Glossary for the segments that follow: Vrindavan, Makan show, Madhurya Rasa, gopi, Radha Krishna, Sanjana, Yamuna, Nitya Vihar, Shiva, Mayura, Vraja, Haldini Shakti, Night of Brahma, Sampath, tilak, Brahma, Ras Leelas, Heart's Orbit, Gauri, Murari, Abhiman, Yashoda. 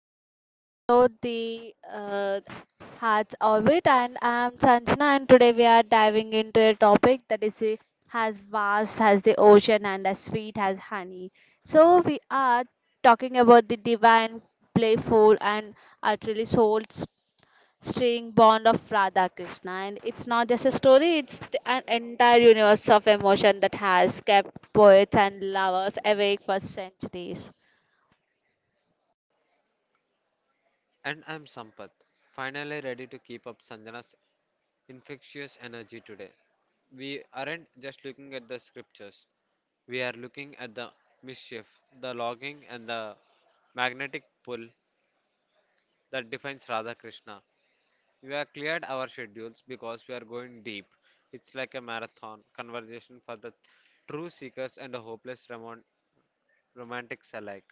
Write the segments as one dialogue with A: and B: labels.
A: back to another episode, the Hearts Orbit, and I'm Sanjana, and today we are diving into a topic that is as vast as the ocean and as sweet as honey. So we are talking about the divine, playful, and utterly soul stirring bond of Radha Krishna, and it's not just a story; an entire universe of emotion that has kept poets and lovers awake for centuries.
B: And I'm Sampath, finally ready to keep up Sanjana's infectious energy today. We aren't just looking at the scriptures, we are looking at the mischief, the logging, and the magnetic pull that defines Radha Krishna. We have cleared our schedules because we are going deep. It's like a marathon conversation for the true seekers and the hopeless romantics alike.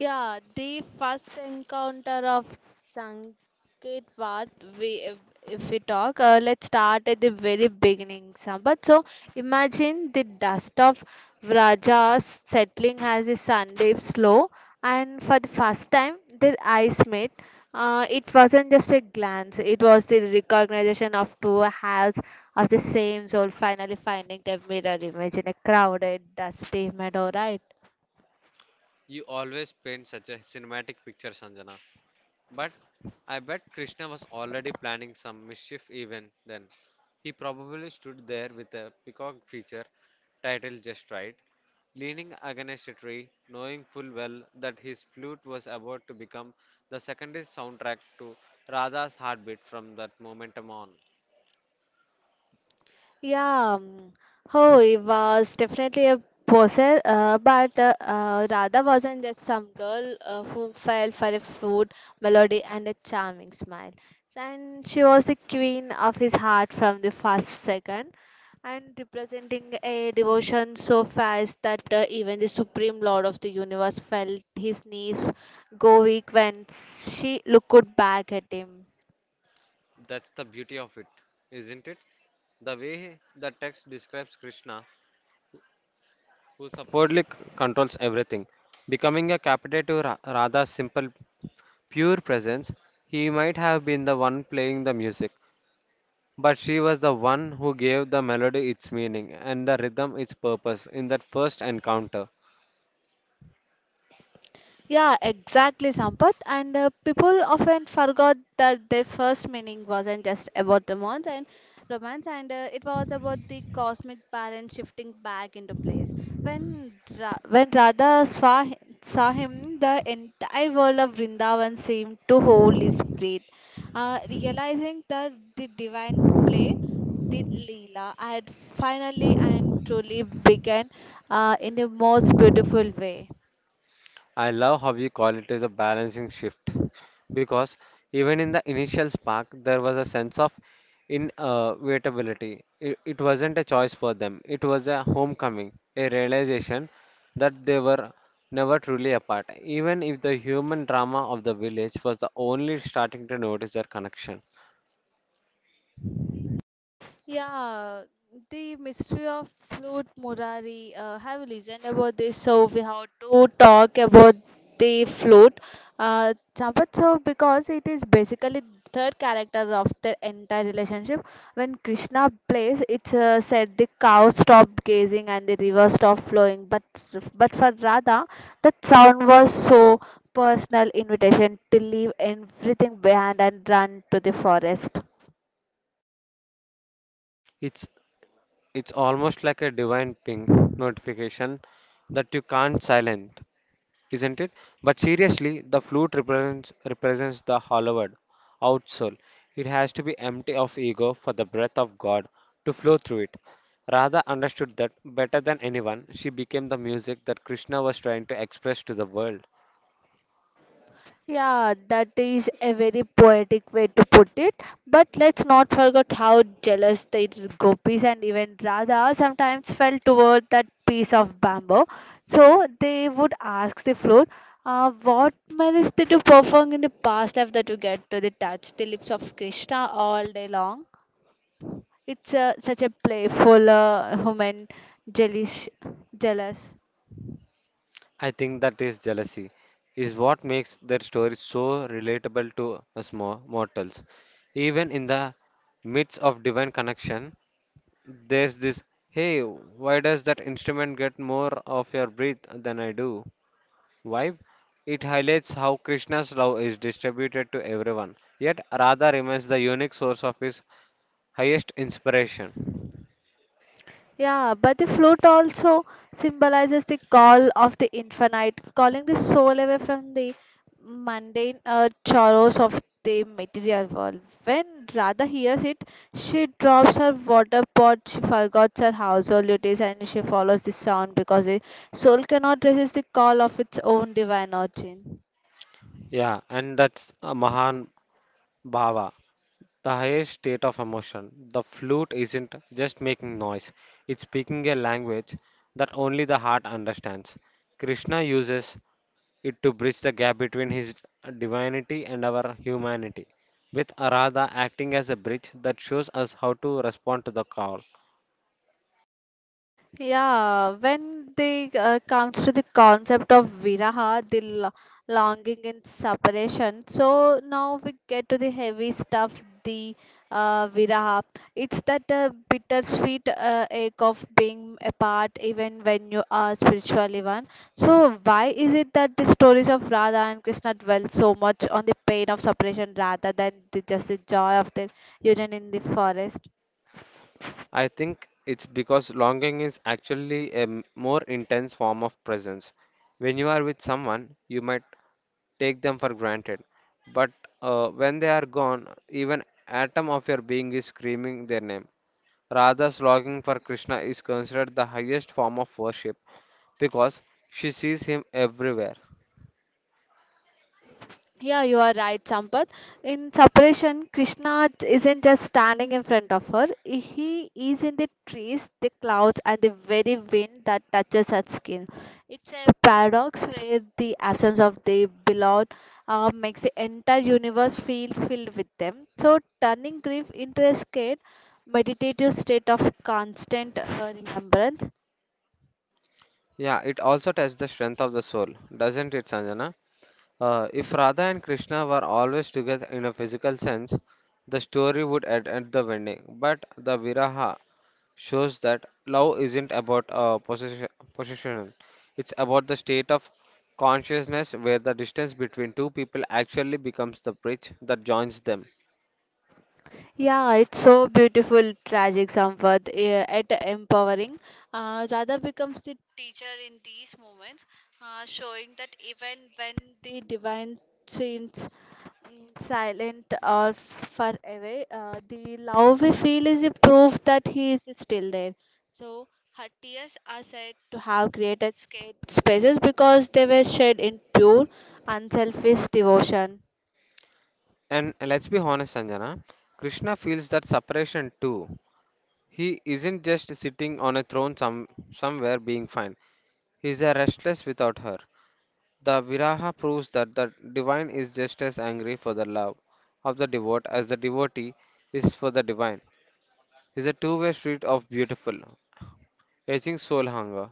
A: Yeah, the first encounter of Sanketvat, we, if we talk, let's start at the very beginning, Sampath. So imagine the dust of Vrajas settling as the sun dips low, and for the first time, their eyes met. It wasn't just a glance, it was the recognition of two halves of the same soul finally finding their mirror image in a crowded, dusty meadow, right?
B: You always paint such a cinematic picture, Sanjana. But I bet Krishna was already planning some mischief even then. He probably stood there with a peacock feature titled just right, leaning against a tree, knowing full well that his flute was about to become the secondary soundtrack to Radha's heartbeat from that moment on.
A: Yeah, oh, he was definitely a poser, but Radha wasn't just some girl who fell for a flute melody and a charming smile. And she was the queen of his heart from the first second, and representing a devotion so fast that even the supreme lord of the universe felt his knees go weak when she looked back at him.
B: That's the beauty of it, isn't it? The way the text describes Krishna, who supposedly controls everything, becoming a captive to Radha's simple pure presence. He might have been the one playing the music, but she was the one who gave the melody its meaning and the rhythm its purpose in that first encounter.
A: Yeah, exactly, Sampath. And people often forgot that their first meaning wasn't just about romance, and it was about the cosmic balance shifting back into place. When Radha saw him, the entire world of Vrindavan seemed to hold his breath, realizing that the divine play. The Leela had finally and truly begun in the most beautiful way.
B: I love how you call it as a balancing shift because even in the initial spark, there was a sense of inevitability. It wasn't a choice for them, it was a homecoming, a realization that they were never truly apart, even if the human drama of the village was the only starting to notice their connection.
A: Yeah, the mystery of Flute Murari. Have you listened about this? So we have to talk about the flute. Sampath, so because it is basically third character of the entire relationship. When Krishna plays, it's said the cow stopped gazing and the river stopped flowing. But for Radha, that sound was so personal invitation to leave everything behind and run to the forest.
B: It's, it's almost like a divine ping notification that you can't silence, isn't it? But seriously, the flute represents the hollowed out soul. It has to be empty of ego for the breath of God to flow through it. Radha understood that better than anyone. She became the music that Krishna was trying to express to the world.
A: Yeah, that is a very poetic way to put it. But let's not forget how jealous the gopis and even Radha sometimes felt toward that piece of bamboo. So they would ask the flute, what malice did you perform in the past life that you get to the touch the lips of Krishna all day long? It's such a playful, human, jealous, jealous.
B: I think that is jealousy, is what makes their story so relatable to us mortals. Even in the midst of divine connection, there's this, hey, why does that instrument get more of your breath than I do? Vibe. It highlights how Krishna's love is distributed to everyone, yet Radha remains the unique source of his highest inspiration.
A: Yeah, but the flute also symbolizes the call of the infinite, calling the soul away from the mundane chores of the material world. When Radha hears it, she drops her water pot, she forgets her household duties, and she follows the sound because the soul cannot resist the call of its own divine origin.
B: Yeah, and that's a Mahan Bhava, the highest state of emotion. The flute isn't just making noise, it's speaking a language that only the heart understands. Krishna uses it to bridge the gap between his divinity and our humanity, with Arada acting as a bridge that shows us how to respond to the call.
A: Yeah, when they comes to the concept of viraha, longing and separation. So now we get to the heavy stuff, the viraha. It's that bittersweet ache of being apart, even when you are spiritually one. So why is it that the stories of Radha and Krishna dwell so much on the pain of separation rather than just the joy of their union in the forest?
B: I think it's because longing is actually a more intense form of presence. When you are with someone, you might take them for granted. But when they are gone, even atom of your being is screaming their name. Radha's longing for Krishna is considered the highest form of worship because she sees him everywhere.
A: Yeah, you are right, Sampath. In separation, Krishna isn't just standing in front of her. He is in the trees, the clouds, and the very wind that touches her skin. It's a paradox where the absence of the beloved makes the entire universe feel filled with them. So, turning grief into a scared, meditative state of constant remembrance.
B: Yeah, it also tests the strength of the soul, doesn't it, Sanjana? If Radha and Krishna were always together in a physical sense, the story would end at the wedding. But the Viraha shows that love isn't about possession, it's about the state of consciousness where the distance between two people actually becomes the bridge that joins them.
A: Yeah, it's so beautiful, tragic somewhat, eh, yet empowering. Radha becomes the teacher in these moments, showing that even when the divine seems silent or far away, the love we feel is a proof that He is still there. So her tears are said to have created scared spaces because they were shed in pure, unselfish devotion.
B: And let's be honest, Sanjana, Krishna feels that separation too. He isn't just sitting on a throne somewhere being fine, he's a restless without her. The Viraha proves that the divine is just as angry for the love of the devote as the devotee is for the divine. It's a two-way street of beautiful, aging soul hunger.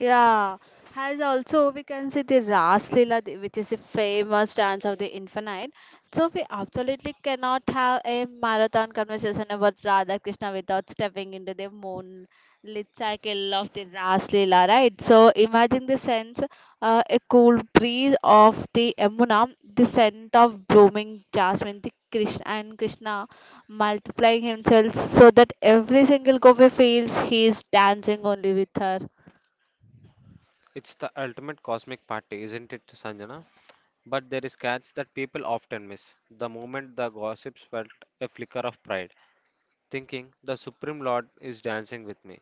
A: Yeah, has also we can see the Ras Leela, which is a famous dance of the infinite. So we absolutely cannot have a marathon conversation about Radha Krishna without stepping into the moonlit cycle of the Ras Leela, right? So imagine the sense, a cool breeze of the Yamuna, the scent of blooming jasmine, the Krishna multiplying himself so that every single coffee feels he is dancing only with her.
B: It's the ultimate cosmic party, isn't it, Sanjana? But there is catch that people often miss. The moment the gossips felt a flicker of pride, thinking the Supreme Lord is dancing with me,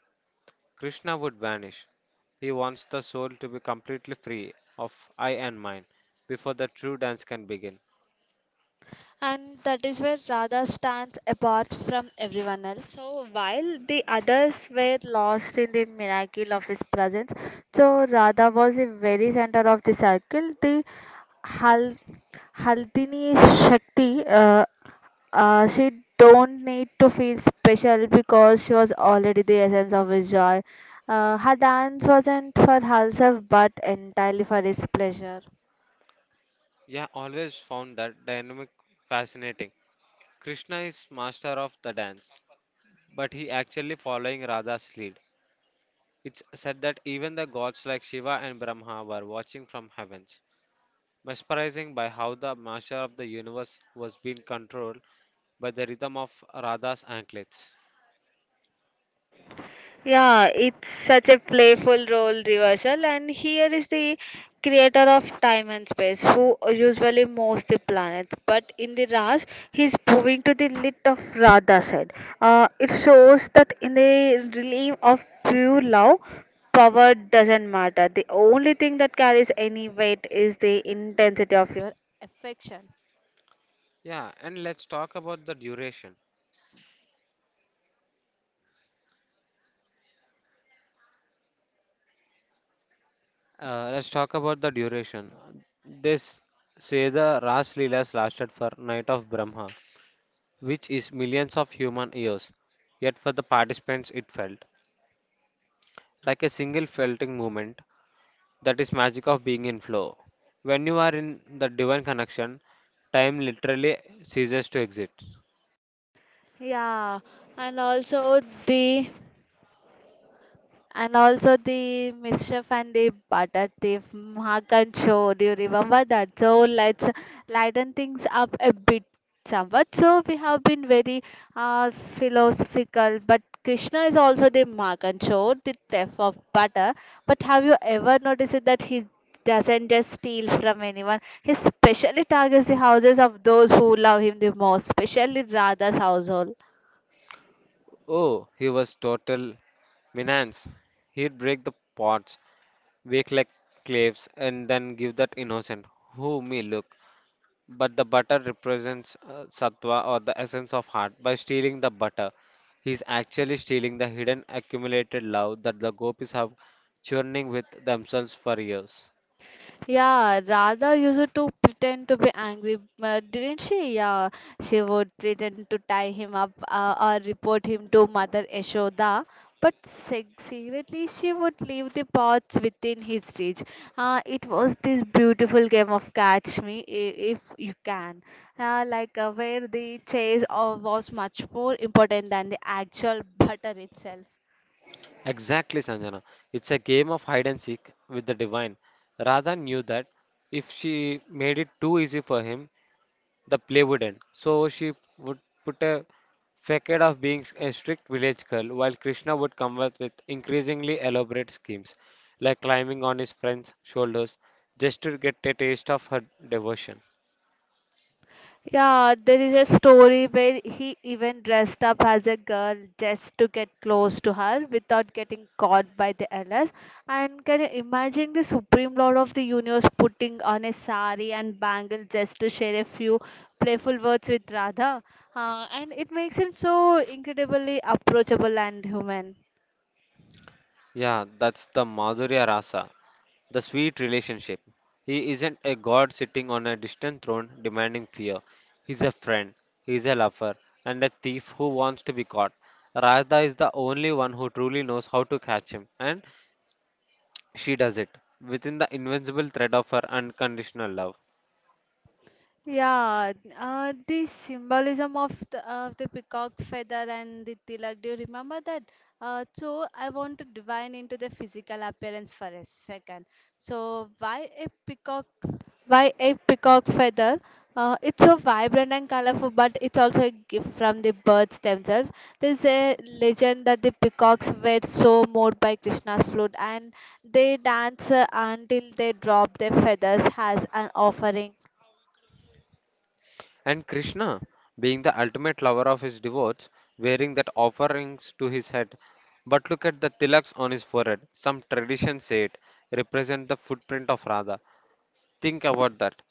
B: Krishna would vanish. He wants the soul to be completely free of I and mine before the true dance can begin.
A: And that is where Radha stands apart from everyone else. So while the others were lost in the miracle of his presence, so Radha was the very center of the circle. The Hal- Haldini Shakti, she don't need to feel special because she was already the essence of his joy. Her dance wasn't for herself but entirely for his pleasure.
B: Yeah, always found that dynamic fascinating. Krishna is master of the dance, but he actually following Radha's lead. It's said that even the gods like Shiva and Brahma were watching from heavens, mesmerizing by how the master of the universe was being controlled by the rhythm of Radha's anklets.
A: Yeah, it's such a playful role reversal, and here is the creator of time and space who usually moves the planet. But in the Raj, he's moving to the lit of Radha side. It shows that in the realm of pure love, power doesn't matter. The only thing that carries any weight is the intensity of your affection.
B: Yeah, and let's talk about the duration. Uh, let's talk about the duration. This say the Ras Leelas lasted for Night of Brahma, which is millions of human years. Yet for the participants, it felt like a single felting moment. That is magic of being in flow. When you are in the divine connection, time literally ceases to exist.
A: yeah, and also the And also the mischief and the butter thief, Makan show. Do you remember that? So let's lighten things up a bit somewhat. So we have been very philosophical, but Krishna is also the Makan show, the thief of butter. But have you ever noticed that he doesn't just steal from anyone? He specially targets the houses of those who love him the most, especially Radha's household.
B: Oh, he was total menace. He'd break the pots, wake like claves, and then give that innocent, who me look. But the butter represents sattva or the essence of heart. By stealing the butter, he is actually stealing the hidden accumulated love that the gopis have churning with themselves for years.
A: Yeah, Radha used to pretend to be angry, didn't she? Yeah, she would pretend to tie him up or report him to Mother Yashoda. But secretly, she would leave the pots within his reach. It was this beautiful game of catch me if you can, like where the chase of was much more important than the actual butter itself.
B: Exactly, Sanjana. It's a game of hide and seek with the divine. Radha knew that if she made it too easy for him, the play would end. So she would put a facade of being a strict village girl, while Krishna would come up with increasingly elaborate schemes, like climbing on his friend's shoulders just to get a taste of her devotion.
A: Yeah, there is a story where he even dressed up as a girl just to get close to her without getting caught by the LS. And can you imagine the Supreme Lord of the Universe putting on a sari and bangle just to share a few playful words with Radha? And it makes him so incredibly approachable and human.
B: Yeah, that's the Madhurya Rasa, the sweet relationship. He isn't a god sitting on a distant throne demanding fear. He's a friend, he's a lover, and a thief who wants to be caught. Radha is the only one who truly knows how to catch him, and she does it within the invincible thread of her unconditional love.
A: Yeah, the symbolism of of the peacock feather and the tilak, do you remember that? So I want to divine into the physical appearance for a second. So why a peacock? Why a peacock feather? It's so vibrant and colorful, but it's also a gift from the birds themselves. There's a legend that the peacocks were so moved by Krishna's flute and they dance until they drop their feathers as an offering.
B: And Krishna, being the ultimate lover of his devotees, wearing that offerings to his head. But look at the tilaks on his forehead. Some traditions say it represent the footprint of Radha. Think about that.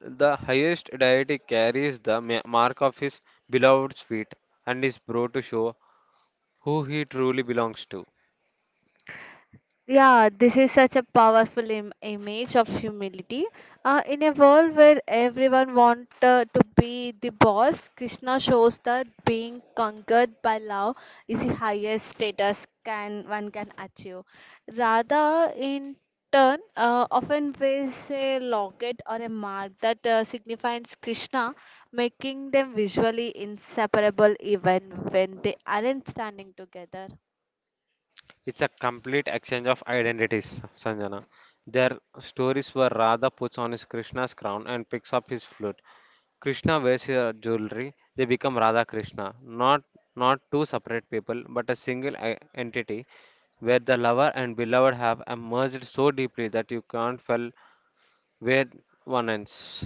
B: The highest deity carries the mark of his beloved's feet and is brought to show who he truly belongs to.
A: Yeah, this is such a powerful image of humility. In a world where everyone wants to be the boss, Krishna shows that being conquered by love is the highest status can one can achieve. Radha, in turn, often wears a locket or a mark that signifies Krishna, making them visually inseparable even when they aren't standing together.
B: It's a complete exchange of identities, Sanjana. Their stories were Radha puts on his Krishna's crown and picks up his flute. Krishna wears her jewelry. They become Radha Krishna, not two separate people, but a single entity where the lover and beloved have merged so deeply that you can't tell where one ends.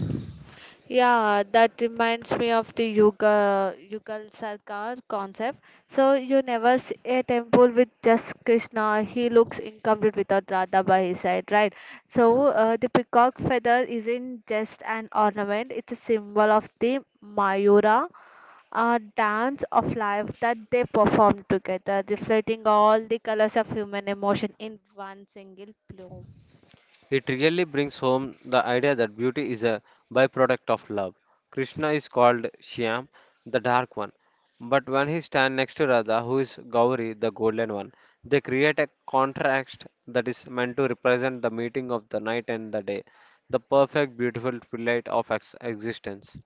A: Yeah, that reminds me of the Yuga Yugal Sarkar concept. So you never see a temple with just Krishna. He looks incomplete without Radha by his side, right? So the peacock feather isn't just an ornament; it's a symbol of the Mayura, a dance of life that they perform together, reflecting all the colors of human emotion in one single bloom.
B: It really brings home the idea that beauty is a byproduct of love. Krishna is called Shyam, the dark one, but when he stands next to Radha, who is Gauri, the golden one, they create a contrast that is meant to represent the meeting of the night and the day, the perfect, beautiful twilight of existence.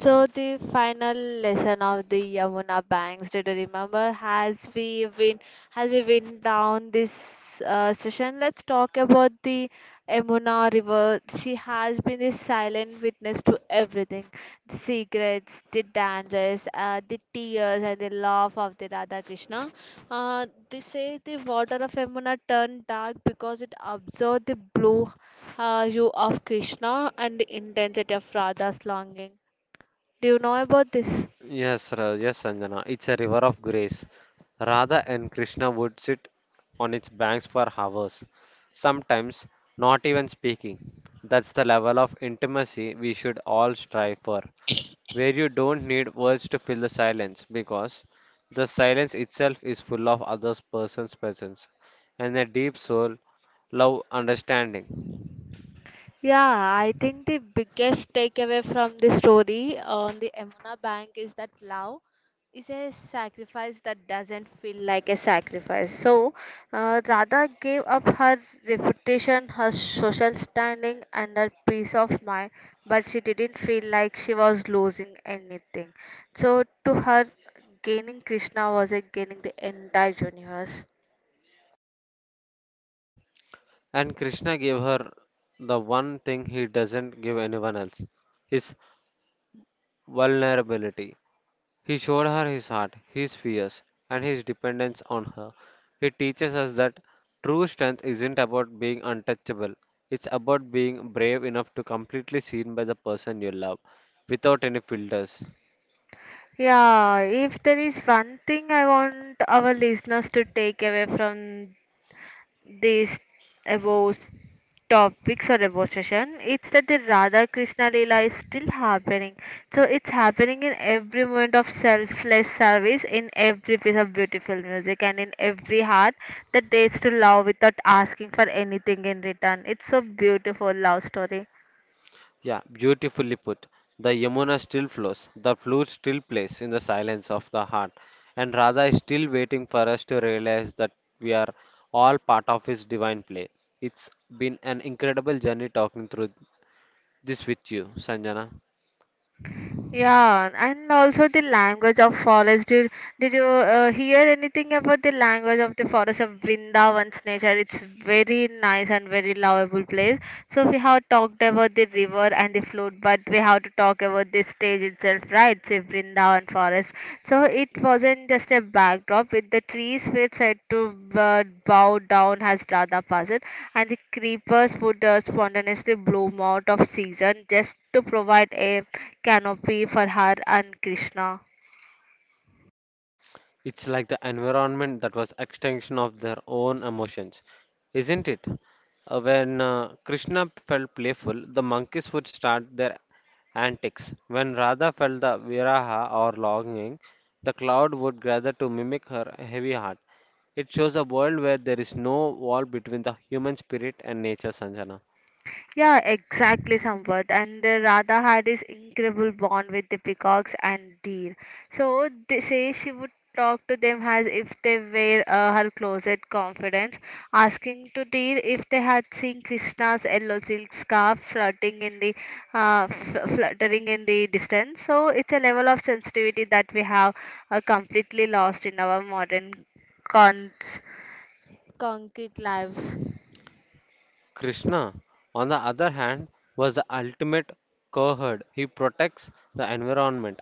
A: So the final lesson of the Yamuna banks, did you remember? Has we been down this session? Let's talk about the Yamuna River. She has been the silent witness to everything: the secrets, the dangers, the tears, and the love of the Radha Krishna. They say the water of Yamuna turned dark because it absorbed the blue hue of Krishna and the intensity of Radha's longing. Do you know about this?
B: Yes, yes, Sanjana. It's a river of grace. Radha and Krishna would sit on its banks for hours, sometimes not even speaking. That's the level of intimacy we should all strive for, where you don't need words to fill the silence, because the silence itself is full of other person's presence and a deep soul, love, understanding.
A: Yeah, I think the biggest takeaway from the story on the Emuna Bank is that love is a sacrifice that doesn't feel like a sacrifice. So, Radha gave up her reputation, her social standing, and her peace of mind, but she didn't feel like she was losing anything. So, to her, gaining Krishna was like gaining the entire universe.
B: And Krishna gave her the one thing he doesn't give anyone else, his vulnerability. He showed her his heart, his fears, and his dependence on her. He teaches us that true strength isn't about being untouchable, it's about being brave enough to completely seen by the person you love without any filters.
A: Yeah, if there is one thing I want our listeners to take away from this above topics or above session, it's that the Radha Krishna Leela is still happening. So it's happening in every moment of selfless service, in every piece of beautiful music, and in every heart that dares to love without asking for anything in return. It's so beautiful love story.
B: Yeah, beautifully put. The Yamuna still flows, the flute still plays in the silence of the heart, and Radha is still waiting for us to realize that we are all part of His divine play. It's been an incredible journey talking through this with you, Sanjana.
A: Yeah, and also the language of forest. Did you hear anything about the language of the forest of Vrindavan's nature? It's very nice and very lovable place. So we have talked about the river and the flute, but we have to talk about the stage itself, right? So Vrindavan forest. So it wasn't just a backdrop. With the trees were said to bow down as Radha passed, and the creepers would spontaneously bloom out of season just to provide a canopy for her and Krishna.
B: It's like the environment that was extension of their own emotions, isn't it? When Krishna felt playful, the monkeys would start their antics. When Radha felt the viraha or longing, the cloud would gather to mimic her heavy heart. It shows a world where there is no wall between the human spirit and nature, Sanjana.
A: Yeah, exactly, Sampath. And the Radha had this incredible bond with the peacocks and deer. So they say she would talk to them as if they were her closet confidants, asking to deer if they had seen Krishna's yellow silk scarf flirting in the fluttering in the distance. So it's a level of sensitivity that we have completely lost in our modern cons- concrete lives.
B: Krishna, on the other hand, was the ultimate cowherd. He protects the environment.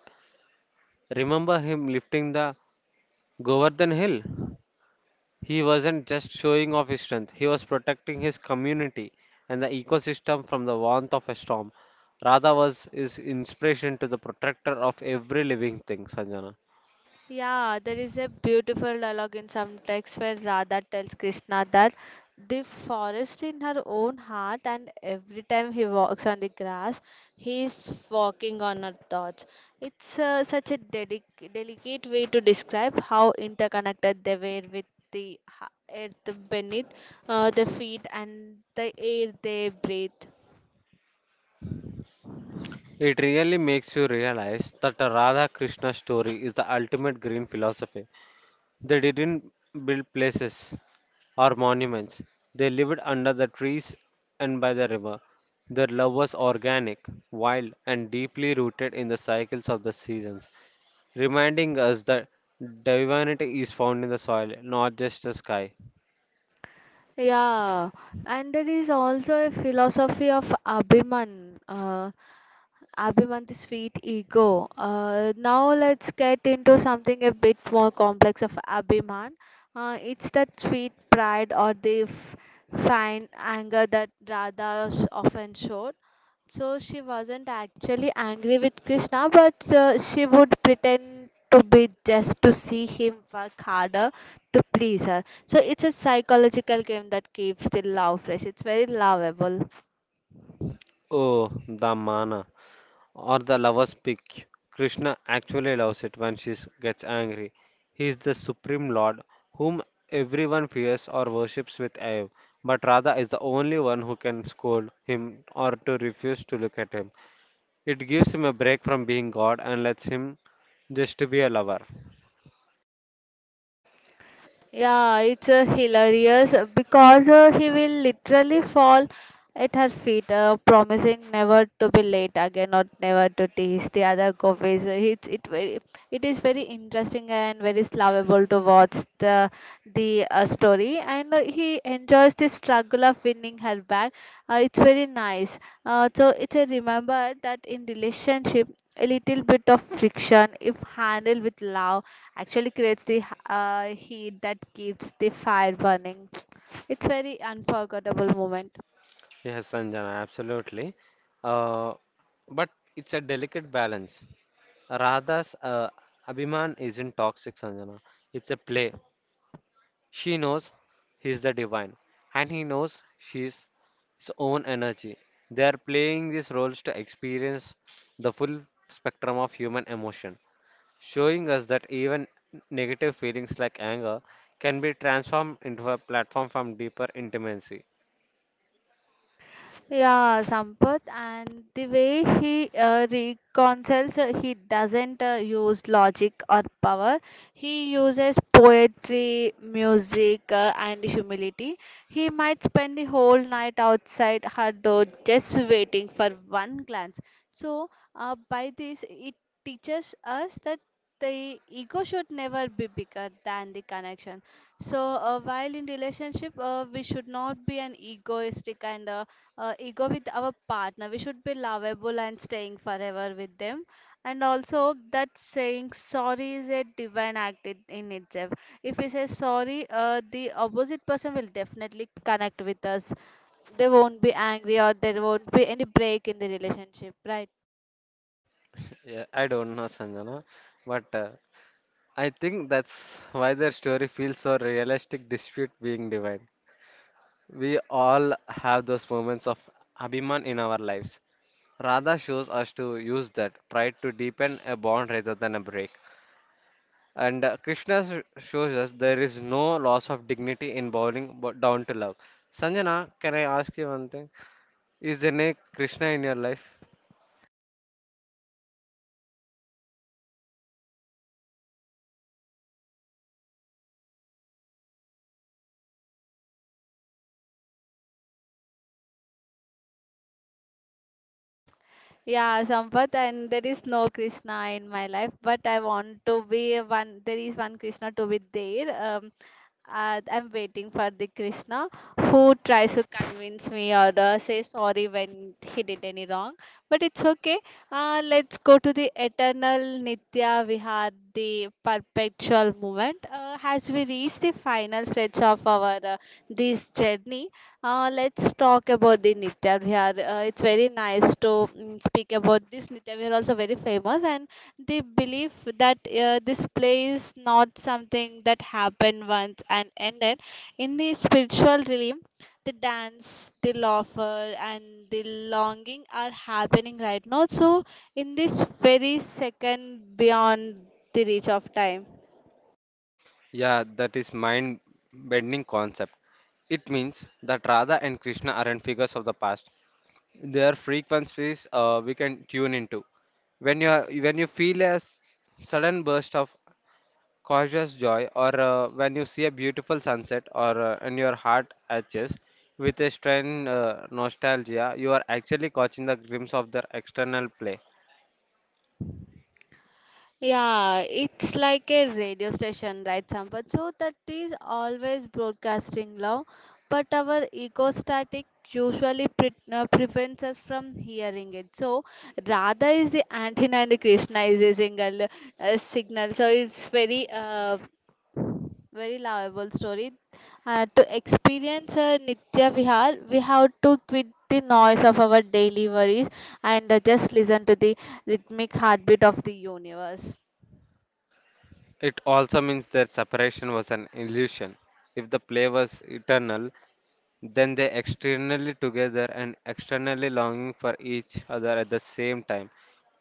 B: Remember him lifting the Govardhan Hill? He wasn't just showing off his strength, he was protecting his community and the ecosystem from the warmth of a storm. Radha was his inspiration to the protector of every living thing, Sanjana.
A: Yeah, there is a beautiful dialogue in some texts where Radha tells Krishna that the forest in her own heart, and every time he walks on the grass, he is walking on her thoughts. It's such a dedic delicate way to describe how interconnected they were with the earth beneath the feet and the air they breathe.
B: It really makes you realize that the Radha Krishna story is the ultimate green philosophy. They didn't build places or monuments. They lived under the trees and by the river. Their love was organic, wild, and deeply rooted in the cycles of the seasons, reminding us that divinity is found in the soil, not just the sky.
A: Yeah, and there is also a philosophy of Abhiman. Abhimant's sweet ego. Now let's get into something a bit more complex of Abhiman. It's that sweet pride or the fine anger that Radha often showed. So she wasn't actually angry with Krishna, but she would pretend to be just to see him work harder to please her. So it's a psychological game that keeps the love fresh. It's very lovable.
B: Oh, the mana, or the lover's pick. Krishna actually loves it when she gets angry. He is the supreme lord whom everyone fears or worships with awe, but Radha is the only one who can scold him or to refuse to look at him. It gives him a break from being god and lets him just to be a lover.
A: Yeah, it's hilarious because he will literally fall at her feet, promising never to be late again or never to tease the other coffees. It's it very it is very interesting and very lovable to watch the story, and he enjoys the struggle of winning her back. It's very nice. So it's a remember that in relationship, a little bit of friction, if handled with love actually creates the heat that keeps the fire burning. It's very unforgettable moment.
B: Yes, Sanjana, absolutely. Uh, but it's a delicate balance. Radha's Abhiman isn't toxic, Sanjana. It's a play. She knows he's the divine, and he knows she's his own energy. They are playing these roles to experience the full spectrum of human emotion, showing us that even negative feelings like anger can be transformed into a platform from deeper intimacy.
A: Yeah, Sampath, and the way he reconciles, he doesn't use logic or power. He uses poetry, music, and humility. He might spend the whole night outside her door just waiting for one glance. So, by this, it teaches us that the ego should never be bigger than the connection, so while in relationship we should not be an egoistic and ego with our partner. We should be lovable and staying forever with them. And also, that saying sorry is a divine act in itself. If we say sorry, the opposite person will definitely connect with us. They won't be angry or there won't be any break in the relationship, right?
B: Yeah, I don't know, Sanjana, but I think that's why their story feels so realistic despite being divine. We all have those moments of Abhiman in our lives. Radha shows us to use that pride to deepen a bond rather than a break. And Krishna shows us there is no loss of dignity in bowing down to love. Sanjana, can I ask you one thing? Is there any Krishna in your life?
A: Yeah, Sampath, and there is no Krishna in my life, but I want to be one. There is one Krishna to be there. Um, I'm waiting for the Krishna who tries to convince me or say sorry when he did any wrong. But it's okay. Let's go to the eternal Nitya Vihar, the perpetual movement. As we reach the final stretch of our this journey, let's talk about the Nitya Vihar. It's very nice to speak about this. Nitya Vihar also very famous, and they believe that this play is not something that happened once and ended. In the spiritual realm, the dance, the laughter, and the longing are happening right now. So, in this very second beyond the reach of time.
B: Yeah, that is mind bending concept. It means that Radha and Krishna aren't figures of the past. There are frequencies we can tune into. When when you feel a sudden burst of cautious joy, or when you see a beautiful sunset, or and your heart aches with a strange nostalgia, you are actually catching the glimpse of their external play.
A: Yeah, it's like a radio station, right, Sampath? So that is always broadcasting love, but our ego static usually prevents us from hearing it. So Radha is the antenna and Krishna is a single signal. So it's very lovable story. To experience Nitya Vihar, we have to quit the noise of our daily worries and just listen to the rhythmic heartbeat of the universe.
B: It also means their separation was an illusion. If the play was eternal, then they externally together and externally longing for each other at the same time.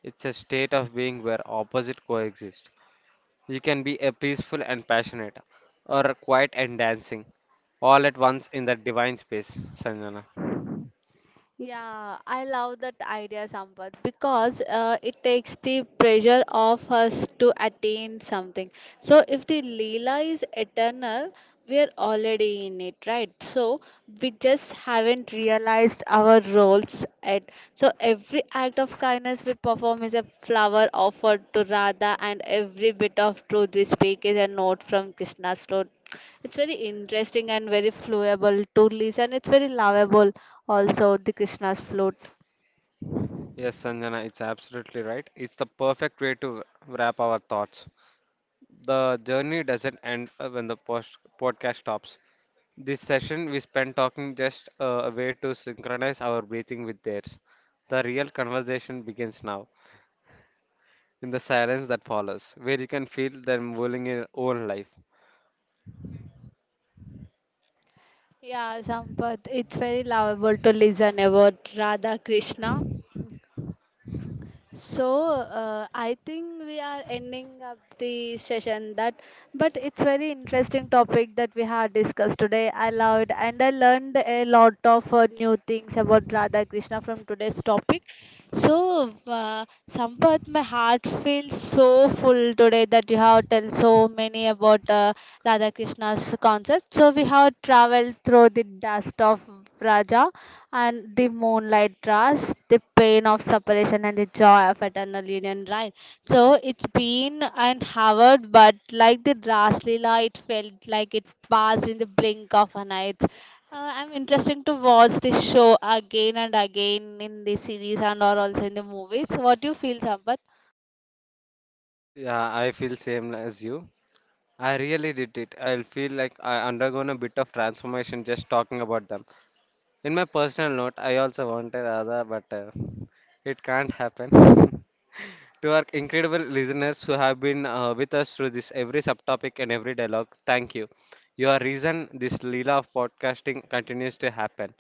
B: It's a state of being where opposite coexist. You can be a peaceful and passionate, or a quiet and dancing, all at once in that divine space, Sanjana.
A: Yeah, I love that idea somewhat because it takes the pressure off us to attain something. So, if the Leela is eternal, we are already in it, right? So we just haven't realized our roles at, so every act of kindness we perform is a flower offered to Radha, and every bit of truth we speak is a note from Krishna's throat. It's very interesting and very flowable to listen. It's very lovable. Also the Krishna's flute.
B: Yes, Sanjana, it's absolutely right. It's the perfect way to wrap our thoughts. The journey doesn't end when the podcast stops. This session we spent talking just a way to synchronize our breathing with theirs. The real conversation begins now, in the silence that follows, where you can feel them moving in your own life.
A: Yeah, Sampath, it's very lovable to listen about Radha Krishna. So I think we are ending up the session, that but it's very interesting topic that we had discussed today. I loved and I learned a lot of new things about Radha Krishna from today's topic. So Sampath, my heart feels so full today that you have told so many about Radha Krishna's concept. So we have traveled through the dust of Raja, and the moonlight trust, the pain of separation, and the joy of eternal union, right? So it's been and Howard, but like the Raslila, it felt like it passed in the blink of an eye. It's, I'm interested to watch this show again and again in the series and or also in the movies. What do you feel, Sampath?
B: Yeah, I feel same as you. I really did it. I feel like I undergone a bit of transformation just talking about them. In my personal note, I also wanted Radha, but it can't happen. To our incredible listeners who have been with us through this every subtopic and every dialogue, thank you. Your reason this Leela of podcasting continues to happen.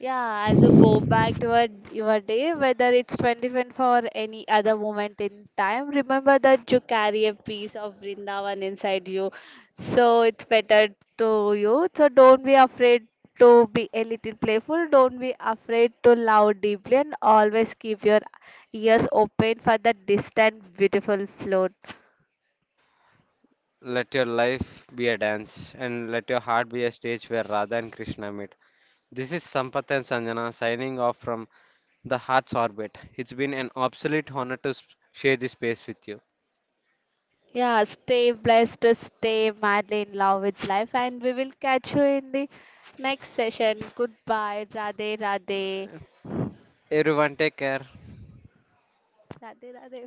A: Yeah, as you go back to your day, whether it's 2024 or any other moment in time, remember that you carry a piece of Vrindavan inside you. So it's better to you. So don't be afraid to be a little playful. Don't be afraid to love deeply and always keep your ears open for that distant, beautiful flute.
B: Let your life be a dance and let your heart be a stage where Radha and Krishna meet. This is Sampath and Sanjana signing off from the Heart's Orbit. It's been an absolute honor to share this space with you.
A: Yeah, stay blessed, stay madly in love with life, and we will catch you in the next session. Goodbye, Radhe Radhe.
B: Everyone, take care.
A: Radhe Radhe.